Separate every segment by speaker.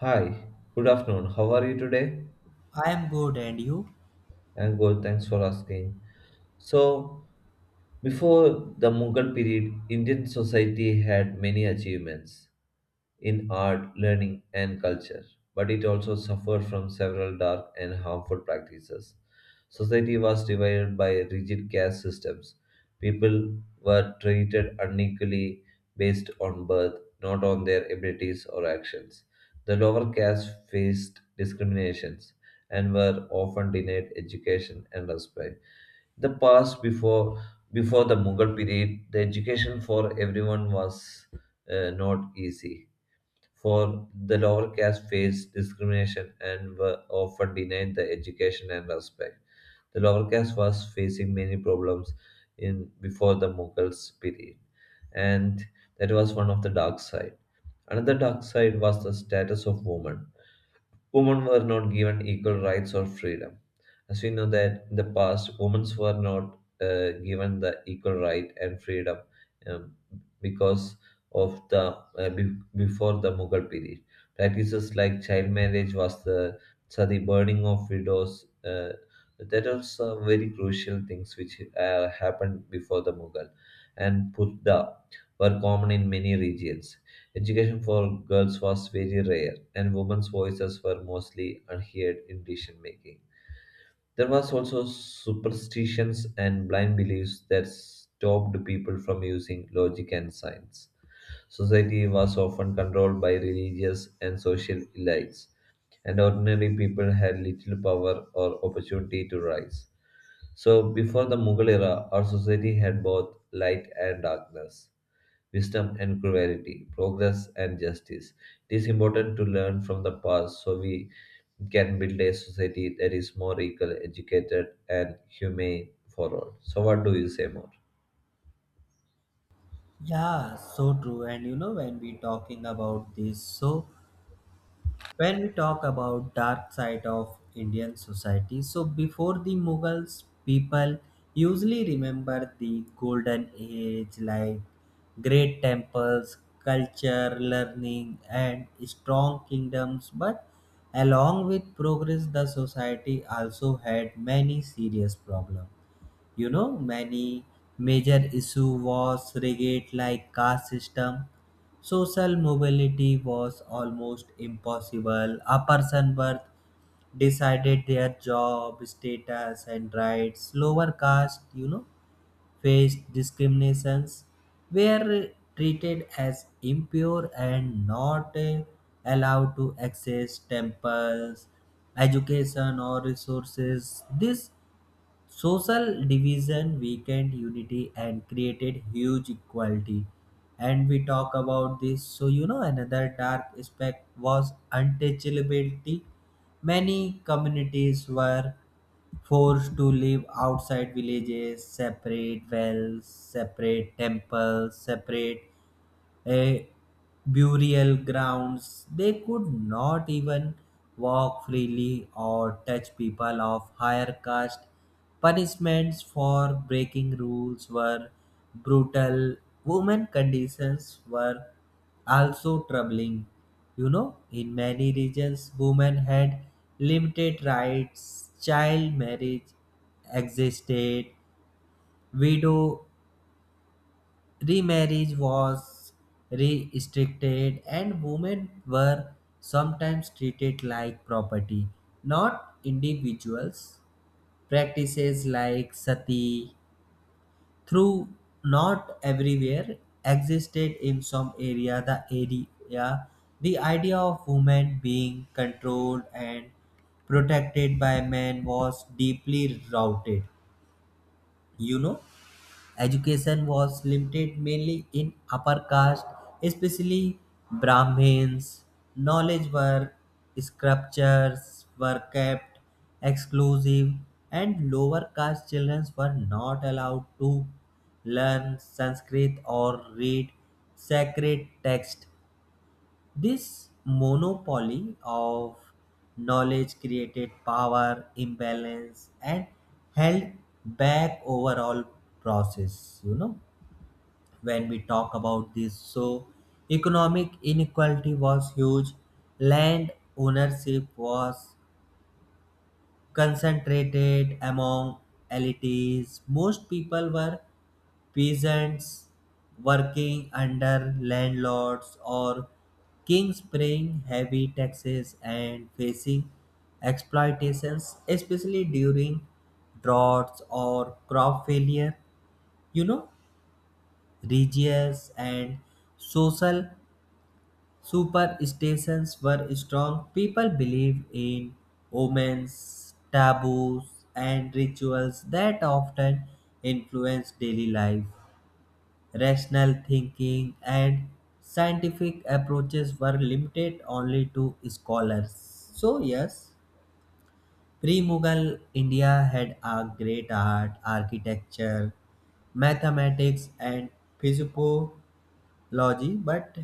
Speaker 1: Hi, good afternoon. How are you today?
Speaker 2: I am good, and you?
Speaker 1: I'm good, thanks for asking. So, before the Mughal period, Indian society had many achievements in art, learning, and culture, but it also suffered from several dark and harmful practices. Society was divided by rigid caste systems. People were treated unequally based on birth, not on their abilities or actions. The lower caste faced discriminations and were often denied education and respect. The past, before the mughal period, the education for everyone was not easy. For the lower caste faced discrimination and were often denied the education and respect. The lower caste was facing many problems in before the Mughals period, and that was one of the dark side. Another dark side was the status of women. Women were not given equal rights or freedom. As we know that in the past, women were not given the equal right and freedom um, because of the before the Mughal period. Practices like child marriage was the so the burning of widows. That are some very crucial things which happened before the Mughal, and purdah were common in many regions. Education for girls was very rare, and women's voices were mostly unheard in decision making. There was also superstitions and blind beliefs that stopped people from using logic and science. Society was often controlled by religious and social elites, and ordinary people had little power or opportunity to rise. So, before the Mughal era, our society had both light and darkness, wisdom and cruelty, progress and justice. It is important to learn from the past so we can build a society that is more equal, educated, and humane for all. So, what do you say more?
Speaker 2: Yeah, so true. And you know, when we talking about this, so when we talk about dark side of Indian society, so before the Mughals, people usually remember the golden age, like great temples, culture, learning, and strong kingdoms. But along with progress, the society also had many serious problems, you know, many major issue was rigid like caste system, social mobility was almost impossible, a person birth decided their job status and rights. Lower caste, you know, faced discriminations, were treated as impure and not allowed to access temples, education or resources. This social division weakened unity and created huge equality. And we talk about this. So, you know, another dark aspect was untouchability. Many communities were forced to live outside villages, separate wells, separate temples, separate a burial grounds. They could not even walk freely or touch people of higher caste. Punishments for breaking rules were brutal. Women conditions were also troubling. You know, in many regions, women had limited rights, child marriage existed, widow remarriage was restricted, and women were sometimes treated like property, not individuals. Practices like sati, through not everywhere, existed in some area. The area, the idea of women being controlled and protected by men was deeply rooted. You know, education was limited mainly in upper caste, especially Brahmins. Knowledge work, sculptures were kept exclusive, and lower caste children were not allowed to learn Sanskrit or read sacred text. This monopoly of knowledge created power imbalance and held back overall process. You know, when we talk about this, so economic inequality was huge, land ownership was concentrated among elites, most people were peasants working under landlords or kings, paying heavy taxes and facing exploitations, especially during droughts or crop failure. You know, religious and social superstitions were strong. People believed in omens, taboos, and rituals that often influence daily life. Rational thinking and scientific approaches were limited only to scholars. So, yes, pre Mughal India had a great art, architecture, mathematics, and physiology, but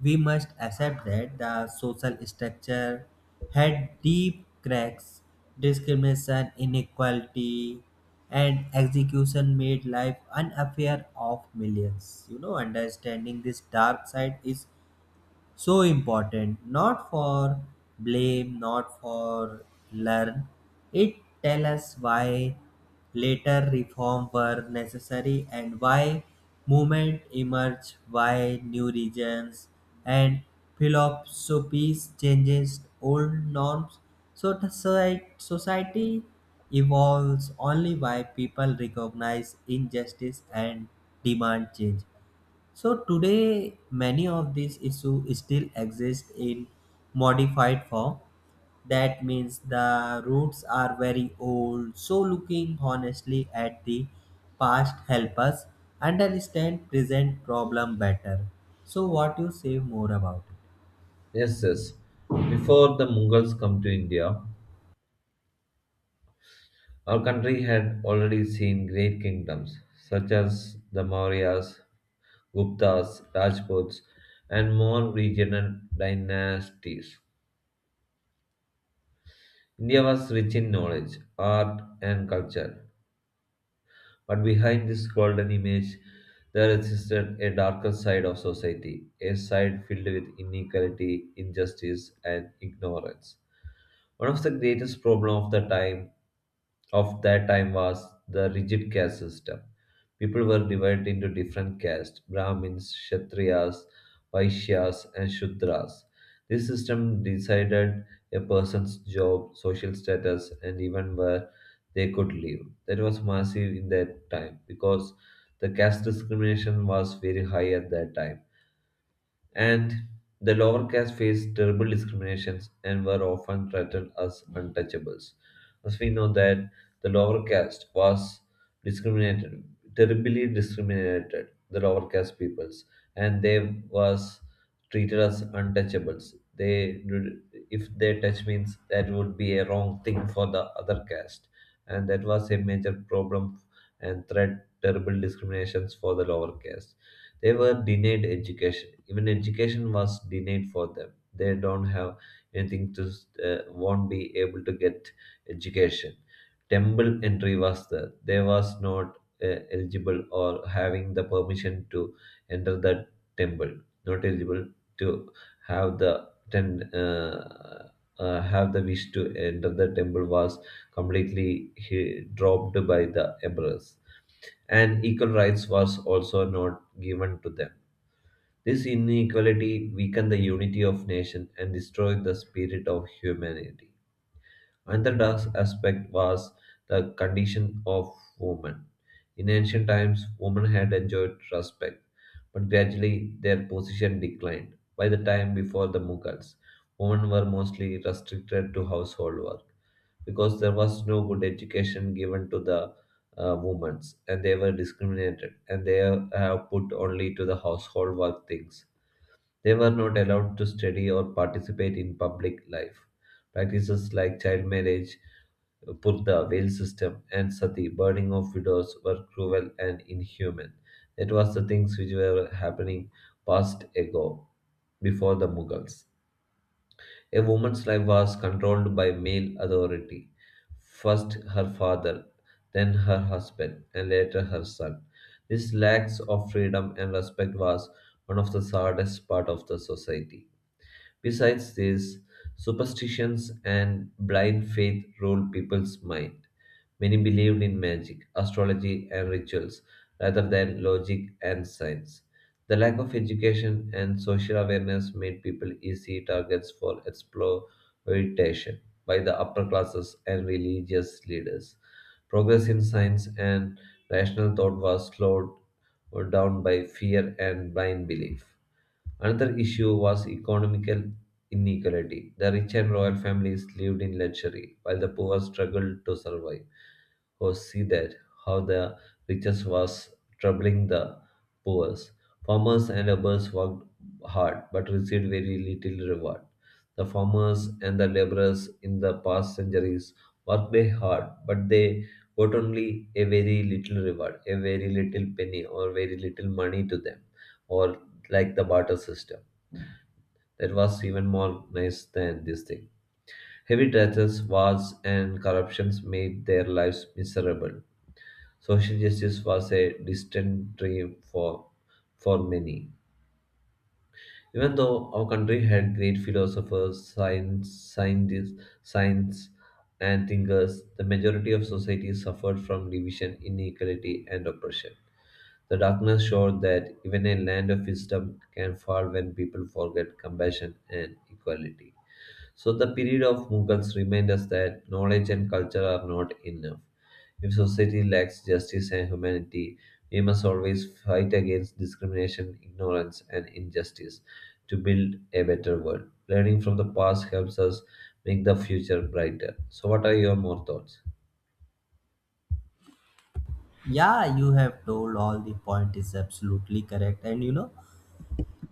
Speaker 2: we must accept that the social structure had deep cracks. Discrimination, inequality, and execution made life unfair of millions. You know, understanding this dark side is so important, not for blame, not for learn it, tell us why later reform were necessary and why movement emerged, why new regions and philosophies changes old norms, so the society evolves only why people recognize injustice and demand change. So today, many of these issues still exist in modified form. That means the roots are very old. So looking honestly at the past help us understand present problem better. So what you say more about it?
Speaker 1: Yes, yes. Before the Mughals come to India, our country had already seen great kingdoms such as the Mauryas, Guptas, Rajputs, and more regional dynasties. India was rich in knowledge, art, and culture. But behind this golden image, there existed a darker side of society, a side filled with inequality, injustice, and ignorance. One of the greatest problems of that time was the rigid caste system. People were divided into different castes: Brahmins, Kshatriyas, Vaishyas, and Shudras. This system decided a person's job, social status, and even where they could live. That was massive in that time because the caste discrimination was very high at that time, and the lower caste faced terrible discriminations and were often treated as untouchables. As we know that the lower caste was discriminated, terribly discriminated, the lower caste peoples, and they was treated as untouchables. They, if they touch means that would be a wrong thing for the other caste, and that was a major problem and threat terrible discriminations for the lower caste. They were denied education. Even education was denied for them. They don't have anything to, won't be able to get education. Temple entry was there. They was not eligible or having the permission to enter the temple. Not eligible to have the ten, uh, have the wish to enter the temple was completely dropped by the emperors, and equal rights was also not given to them. This inequality weakened the unity of nation and destroyed the spirit of humanity. Another dark aspect was the condition of women. In ancient times, women had enjoyed respect, but gradually their position declined. By the time before the Mughals, women were mostly restricted to household work because there was no good education given to the women, and they were discriminated, and they have put only to the household work things. They were not allowed to study or participate in public life. Practices like child marriage, purda, veil system, and sati, burning of widows, were cruel and inhuman. That was the things which were happening past ago, before the Mughals. A woman's life was controlled by male authority. First her father, then her husband, and later her son. This lack of freedom and respect was one of the saddest part of the society. Besides this, superstitions and blind faith ruled people's mind. Many believed in magic, astrology, and rituals rather than logic and science. The lack of education and social awareness made people easy targets for exploitation by the upper classes and religious leaders. Progress in science and rational thought was slowed down by fear and blind belief. Another issue was economical inequality. The rich and royal families lived in luxury, while the poor struggled to survive. Or see that how the richest was troubling the poor. Farmers and laborers worked hard but received very little reward. The farmers and the laborers in the past centuries worked very hard, but they got only a very little reward, a very little penny, or very little money to them, or like the barter system, that was even more organized than this thing. Heavy taxes, wars, and corruptions made their lives miserable. Social justice was a distant dream for many. Even though our country had great philosophers, scientists, science, and thinkers, the majority of society suffered from division, inequality, and oppression. The darkness showed that even a land of wisdom can fall when people forget compassion and equality. So the period of Mughals remind us that knowledge and culture are not enough. If society lacks justice and humanity, we must always fight against discrimination, ignorance, and injustice to build a better world. Learning from the past helps us make the future brighter. So, what are your more thoughts?
Speaker 2: Yeah, you have told all the point is absolutely correct. And you know,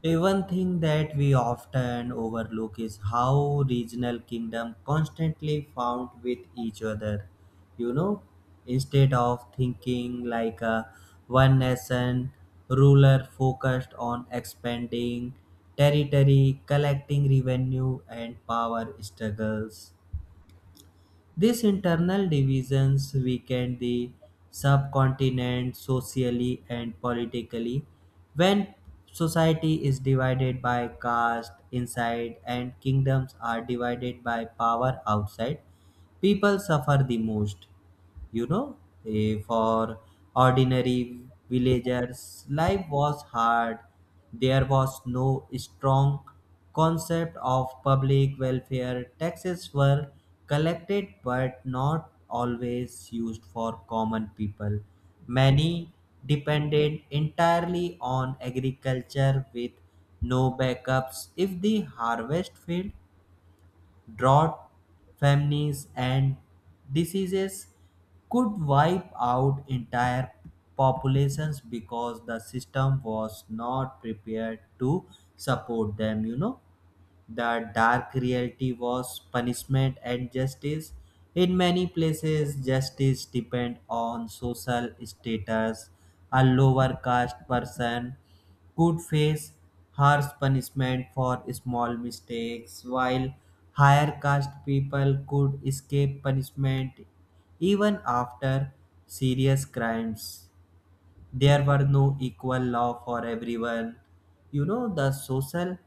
Speaker 2: a one thing that we often overlook is how regional kingdoms constantly fought with each other. You know, instead of thinking like a one nation, ruler focused on expanding territory, collecting revenue, and power struggles. These internal divisions weakened the subcontinent socially and politically. When society is divided by caste inside and kingdoms are divided by power outside, people suffer the most. You know, for ordinary villagers life was hard, there was no strong concept of public welfare, taxes were collected but not always used for common people, many depended entirely on agriculture with no backups if the harvest failed. Drought, famines, and diseases could wipe out entire populations because the system was not prepared to support them. You know, the dark reality was punishment and justice. In many places, justice depend on social status. A lower caste person could face harsh punishment for small mistakes, while higher caste people could escape punishment even after serious crimes. There were no equal law for everyone. You know, the social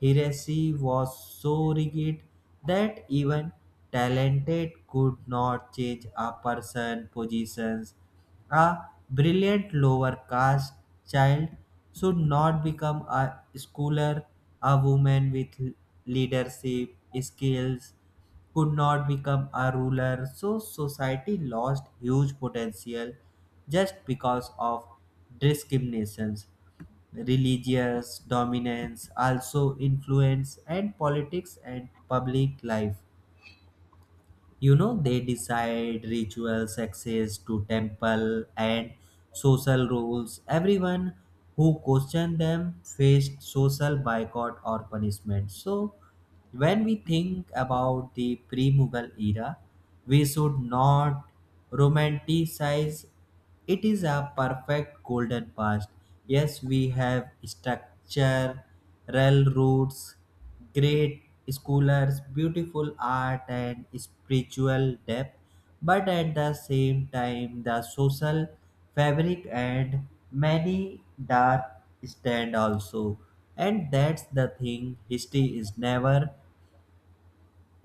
Speaker 2: hierarchy was so rigid that even talented could not change a person positions. A brilliant lower caste child should not become a scholar, a woman with leadership skills could not become a ruler, so society lost huge potential just because of discriminations. Religious dominance also influenced and politics and public life. You know, they decide rituals, access to temple, and social rules. Everyone who questioned them faced social boycott or punishment. So when we think about the pre-mughal era, we should not romanticize it is a perfect golden past. Yes, we have structure, railroads, great scholars, beautiful art, and spiritual depth, but at the same time, the social fabric and many dark stand also. And that's the thing, history is never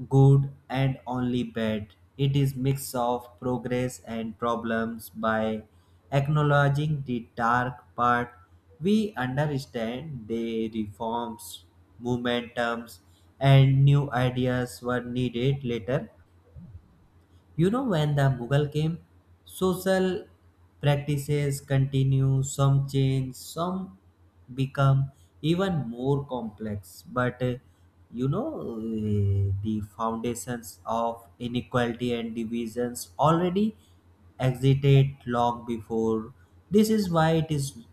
Speaker 2: good and only bad. It is mix of progress and problems. By acknowledging the dark part, we understand the reforms, momentums, and new ideas were needed later. You know, when the Mughal came, social practices continue, some change, some become even more complex. But the foundations of inequality and divisions already existed long before. This is why it is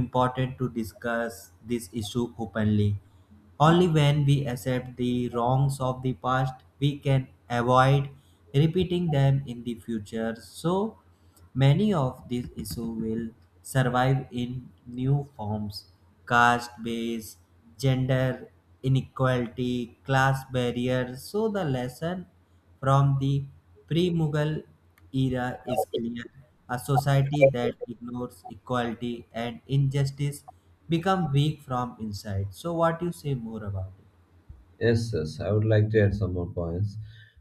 Speaker 2: important to discuss this issue openly. Only when we accept the wrongs of the past, we can avoid repeating them in the future. So many of these issues will survive in new forms, caste based, gender inequality, class barriers. So the lesson from the pre-Mughal era is clear. A society that ignores equality and injustice become weak from inside. So what you say more about it?
Speaker 1: Yes, yes, I would like to add some more points.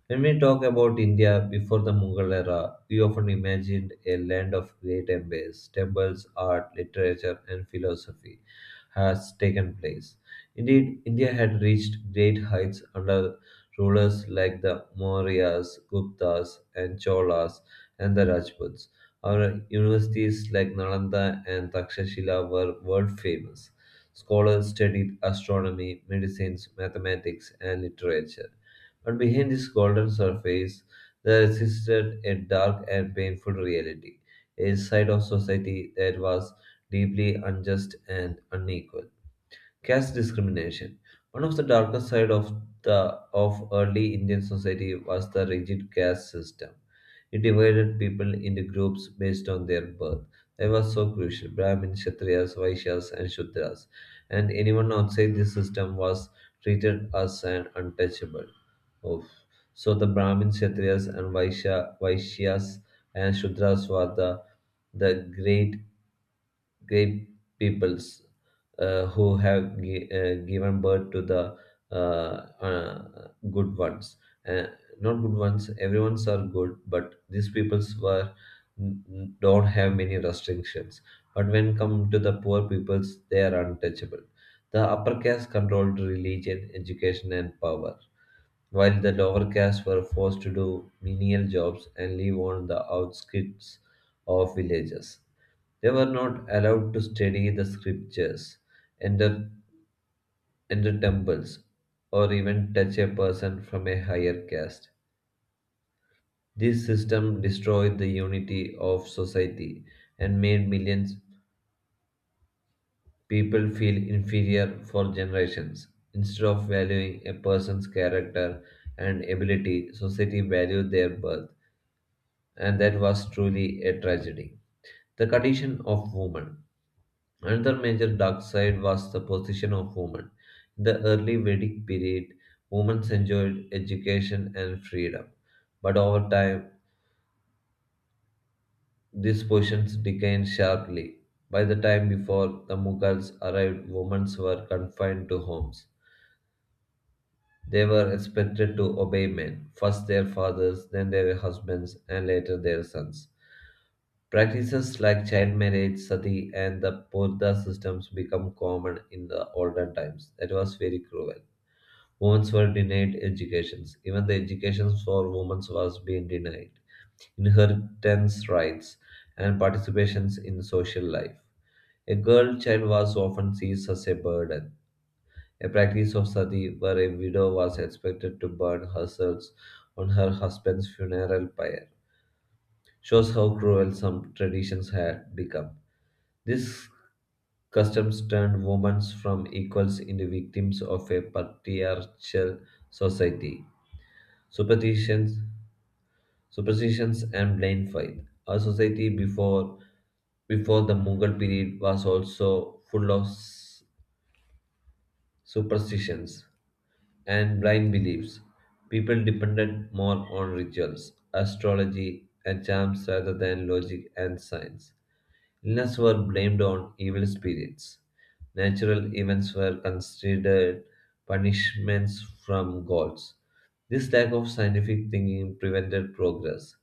Speaker 1: When we talk about India before the Mughal era, we often imagined a land of great empires, temples, art, literature, and philosophy has taken place. Indeed, India had reached great heights under rulers like the Mauryas, Guptas, and Cholas, and the Rajputs. Our universities like Nalanda and Takshashila were world famous. Scholars studied astronomy, medicines, mathematics, and literature. But behind this golden surface, there existed a dark and painful reality, a side of society that was deeply unjust and unequal. Caste discrimination. One of the darkest side of the of early Indian society was the rigid caste system. It divided people into groups based on their birth. They were so crucial. Brahmins, Kshatriyas, Vaishyas, and Shudras. And anyone outside this system was treated as an untouchable. Oof. So the Brahmins, Kshatriyas, and Vaishyas and Shudras were the great peoples who have given birth to the uh, good ones. Uh, not good ones, everyone's are good, but these peoples were don't have many restrictions. But when come to the poor peoples, they are untouchable. The upper caste controlled religion, education, and power, while the lower caste were forced to do menial jobs and live on the outskirts of villages. They were not allowed to study the scriptures, enter, enter temples, or even touch a person from a higher caste. This system destroyed the unity of society and made millions people feel inferior for generations. Instead of valuing a person's character and ability, society valued their birth, and that was truly a tragedy. The condition of women. Another major dark side was the position of women. In the early Vedic period, women enjoyed education and freedom, but over time, these positions declined sharply. By the time before the Mughals arrived, women were confined to homes. They were expected to obey men, first their fathers, then their husbands, and later their sons. Practices like child marriage, sati, and the purdah systems become common in the olden times. That was very cruel. Women were denied educations. Even the education for women was being denied, inheritance rights, and participations in social life. A girl child was often seen as a burden, a practice of sati where a widow was expected to burn herself on her husband's funeral pyre shows how cruel some traditions had become. These customs turned women from equals into victims of a patriarchal society. Superstitions superstitions and blind faith. Our society before the Mughal period was also full of superstitions and blind beliefs. People depended more on rituals, astrology, and charms rather than logic and science. Illness were blamed on evil spirits. Natural events were considered punishments from gods. This lack of scientific thinking prevented progress.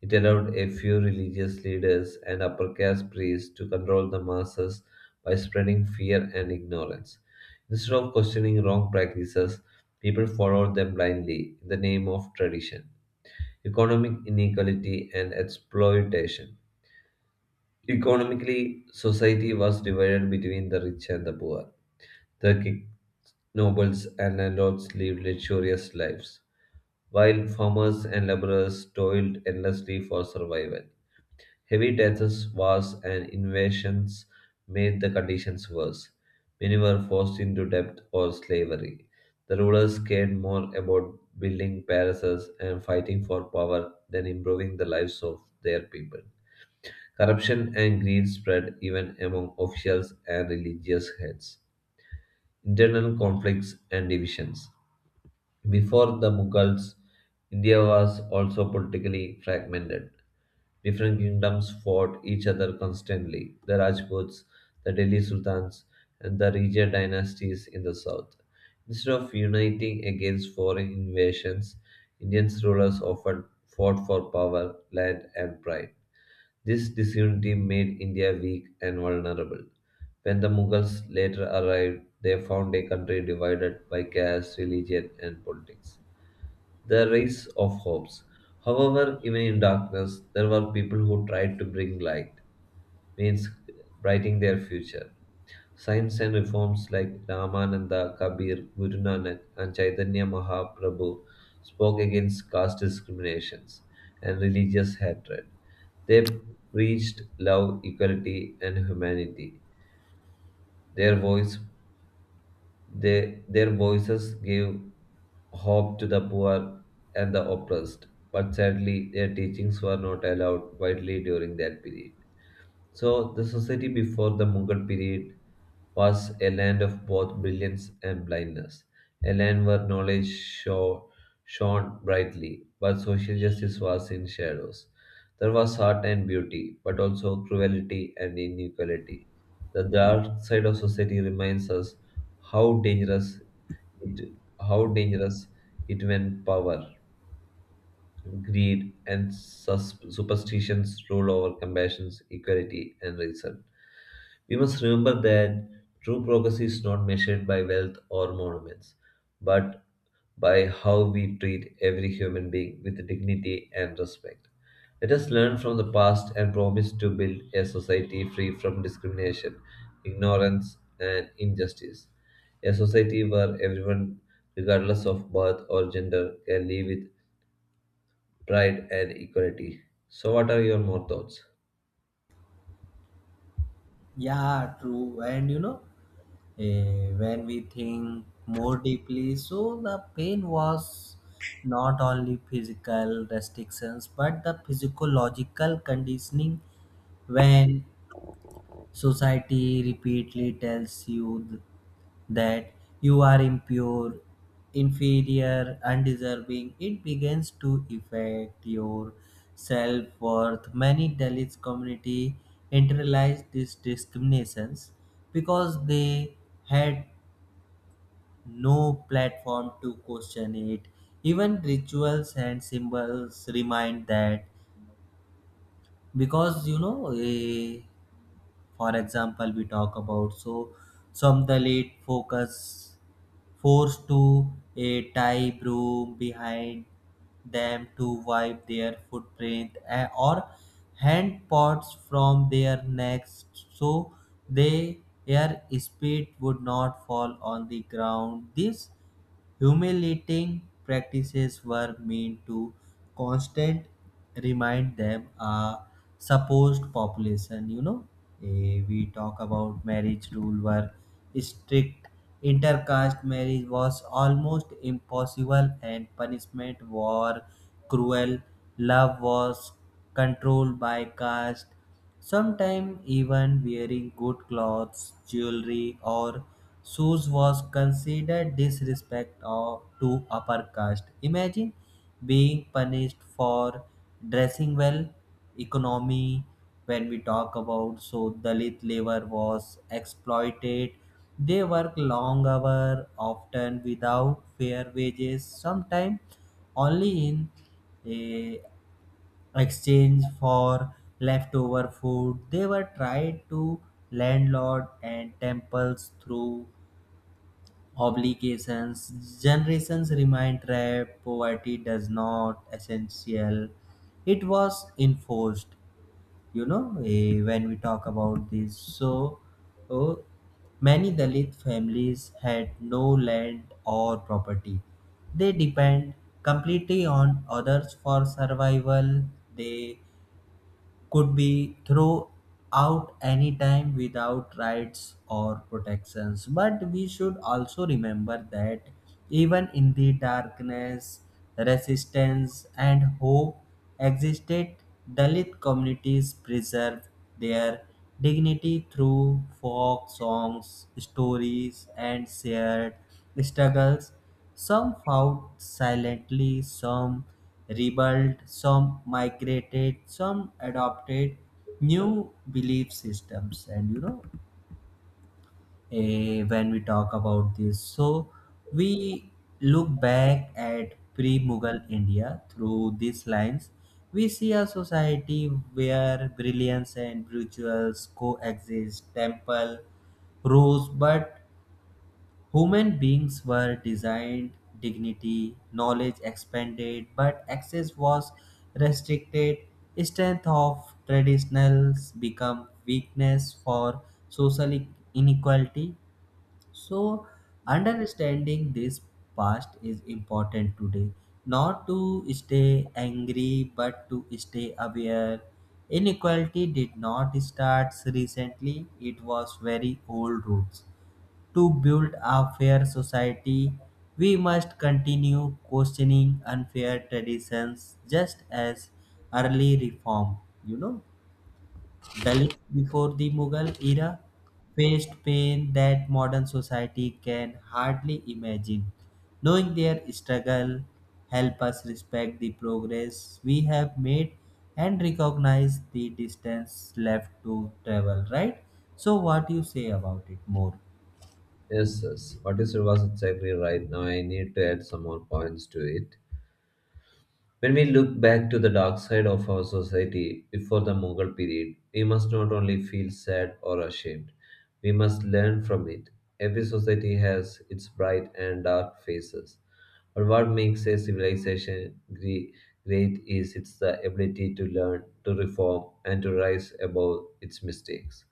Speaker 1: It allowed a few religious leaders and upper caste priests to control the masses by spreading fear and ignorance. Instead of questioning wrong practices, people followed them blindly in the name of tradition. Economic inequality and exploitation. Economically, society was divided between the rich and the poor. The king, nobles, and landlords lived luxurious lives, while farmers and laborers toiled endlessly for survival. Heavy taxes, wars, and invasions made the conditions worse. Many were forced into debt or slavery. The rulers cared more about building palaces and fighting for power than improving the lives of their people. Corruption and greed spread even among officials and religious heads. Internal conflicts and divisions. Before the Mughals, India was also politically fragmented. Different kingdoms fought each other constantly the Rajputs, the Delhi Sultans, and the Regia dynasties in the south. Instead of uniting against foreign invasions, Indian rulers often fought for power, land, and pride. This disunity made India weak and vulnerable. When the Mughals later arrived, they found a country divided by caste, religion, and politics. The race of hopes. However, even in darkness, there were people who tried to bring light, means brightening their future. Saints and reforms like Ramananda, Kabir, Guru Nanak, and Chaitanya Mahaprabhu spoke against caste discriminations and religious hatred. They preached love, equality, and humanity. Their voice, their voices gave hope to the poor and the oppressed. But sadly, their teachings were not allowed widely during that period. So, the society before the Mughal period was a land of both brilliance and blindness, a land where knowledge shone brightly, but social justice was in shadows. There was art and beauty, but also cruelty and inequality. The dark side of society reminds us how dangerous it, how dangerous it when power, greed, and superstitions rule over compassion, equality, and reason. We must remember that true progress is not measured by wealth or monuments, but by how we treat every human being with dignity and respect. Let us learn from the past and promise to build a society free from discrimination, ignorance, and injustice. A society where everyone, regardless of birth or gender, can live with pride and equality. So, what are your more thoughts?
Speaker 2: Yeah, true. And you know, when we think more deeply, so the pain was not only physical restrictions but the physiological conditioning when society repeatedly tells you that you are impure, inferior, undeserving. It begins to affect your self worth. Many Dalits community internalize these discriminations because they had no platform to question it. Even rituals and symbols remind that because you know, for example we talk about, so some the late focus forced to a tie broom behind them to wipe their footprint, or hand pots from their necks so they their speed would not fall on the ground. This humiliating practices were meant to constant remind them a supposed population. You know, we talk about marriage rule were strict. Intercaste marriage was almost impossible, and punishment were cruel. Love was controlled by caste. Sometimes even wearing good clothes, jewelry, or shoes was considered to upper caste. Imagine being punished for dressing well. Economy, when we talk about, so Dalit labor was exploited. They work long hours, often without fair wages. Sometimes only in a exchange for leftover food. They were tied to landlord and temples through obligations. Generations remain trapped. Poverty does not essential. It was enforced. You know, when we talk about this. So, oh, many Dalit families had no land or property. They depend completely on others for survival. They could be thrown out anytime without rights or protections. But we should also remember that even in the darkness, resistance and hope existed. Dalit communities preserved their dignity through folk songs, stories, and shared struggles. Some fought silently, some rebelled, some migrated, some adopted new belief systems. And you know, when we talk about this, so we look back at pre Mughal India through these lines. We see a society where brilliance and rituals coexist, temple rose but human beings were designed, dignity, knowledge expanded, but access was restricted. Strength of traditionals become weakness for social e- inequality. So, understanding this past is important today. Not to stay angry, but to stay aware. Inequality did not start recently, it was very old roots. To build a fair society, we must continue questioning unfair traditions just as early reform, you know, Dalit before the Mughal era faced pain that modern society can hardly imagine. Knowing their struggle help us respect the progress we have made and recognize the distance left to travel, right? So what do you say about it more?
Speaker 1: Yes, yes. What you said was exactly right. Now I need to add some more points to it. When we look back to the dark side of our society before the Mughal period, we must not only feel sad or ashamed, we must learn from it. Every society has its bright and dark faces. But what makes a civilization great is its the ability to learn, to reform, and to rise above its mistakes.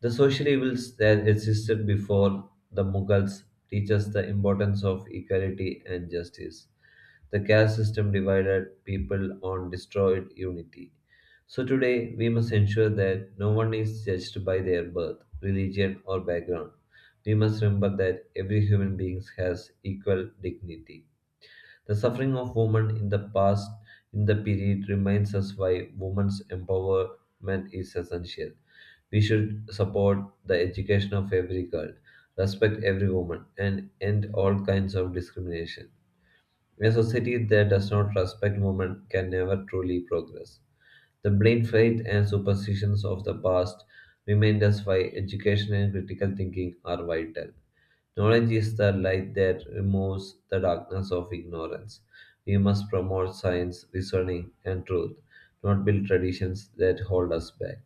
Speaker 1: The social evils that existed before the Mughals teach us the importance of equality and justice. The caste system divided people on destroyed unity. So today we must ensure that no one is judged by their birth, religion or background. We must remember that every human being has equal dignity. The suffering of women in the past in the period reminds us why women's empowerment is essential. We should support the education of every girl, respect every woman, and end all kinds of discrimination. A society that does not respect women can never truly progress. The blind faith and superstitions of the past remind us why education and critical thinking are vital. Knowledge is the light that removes the darkness of ignorance. We must promote science, reasoning, and truth, not build traditions that hold us back.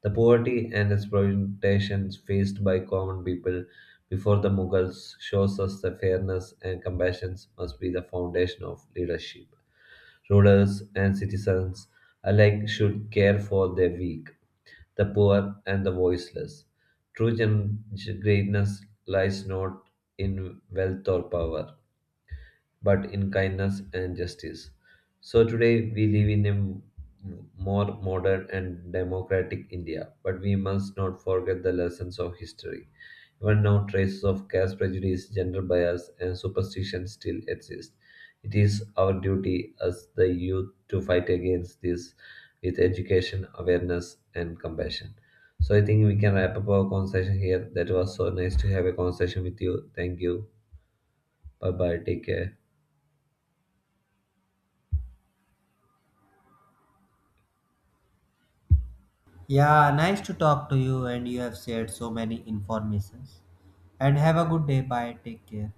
Speaker 1: The poverty and exploitation faced by common people before the Mughals shows us that fairness and compassion must be the foundation of leadership. Rulers and citizens alike should care for the weak, the poor, and the voiceless. True greatness lies not in wealth or power, but in kindness and justice. So today we live in a more modern and democratic India, but we must not forget the lessons of history. Even now, traces of caste prejudice, gender bias, and superstition still exist. It is our duty as the youth to fight against this with education, awareness, and compassion. So I think we can wrap up our conversation here. That was so nice to have a conversation with you. Thank you. Bye bye. Take care.
Speaker 2: Yeah, nice to talk to you and you have shared so many informations. And have a good day. Bye. Take care.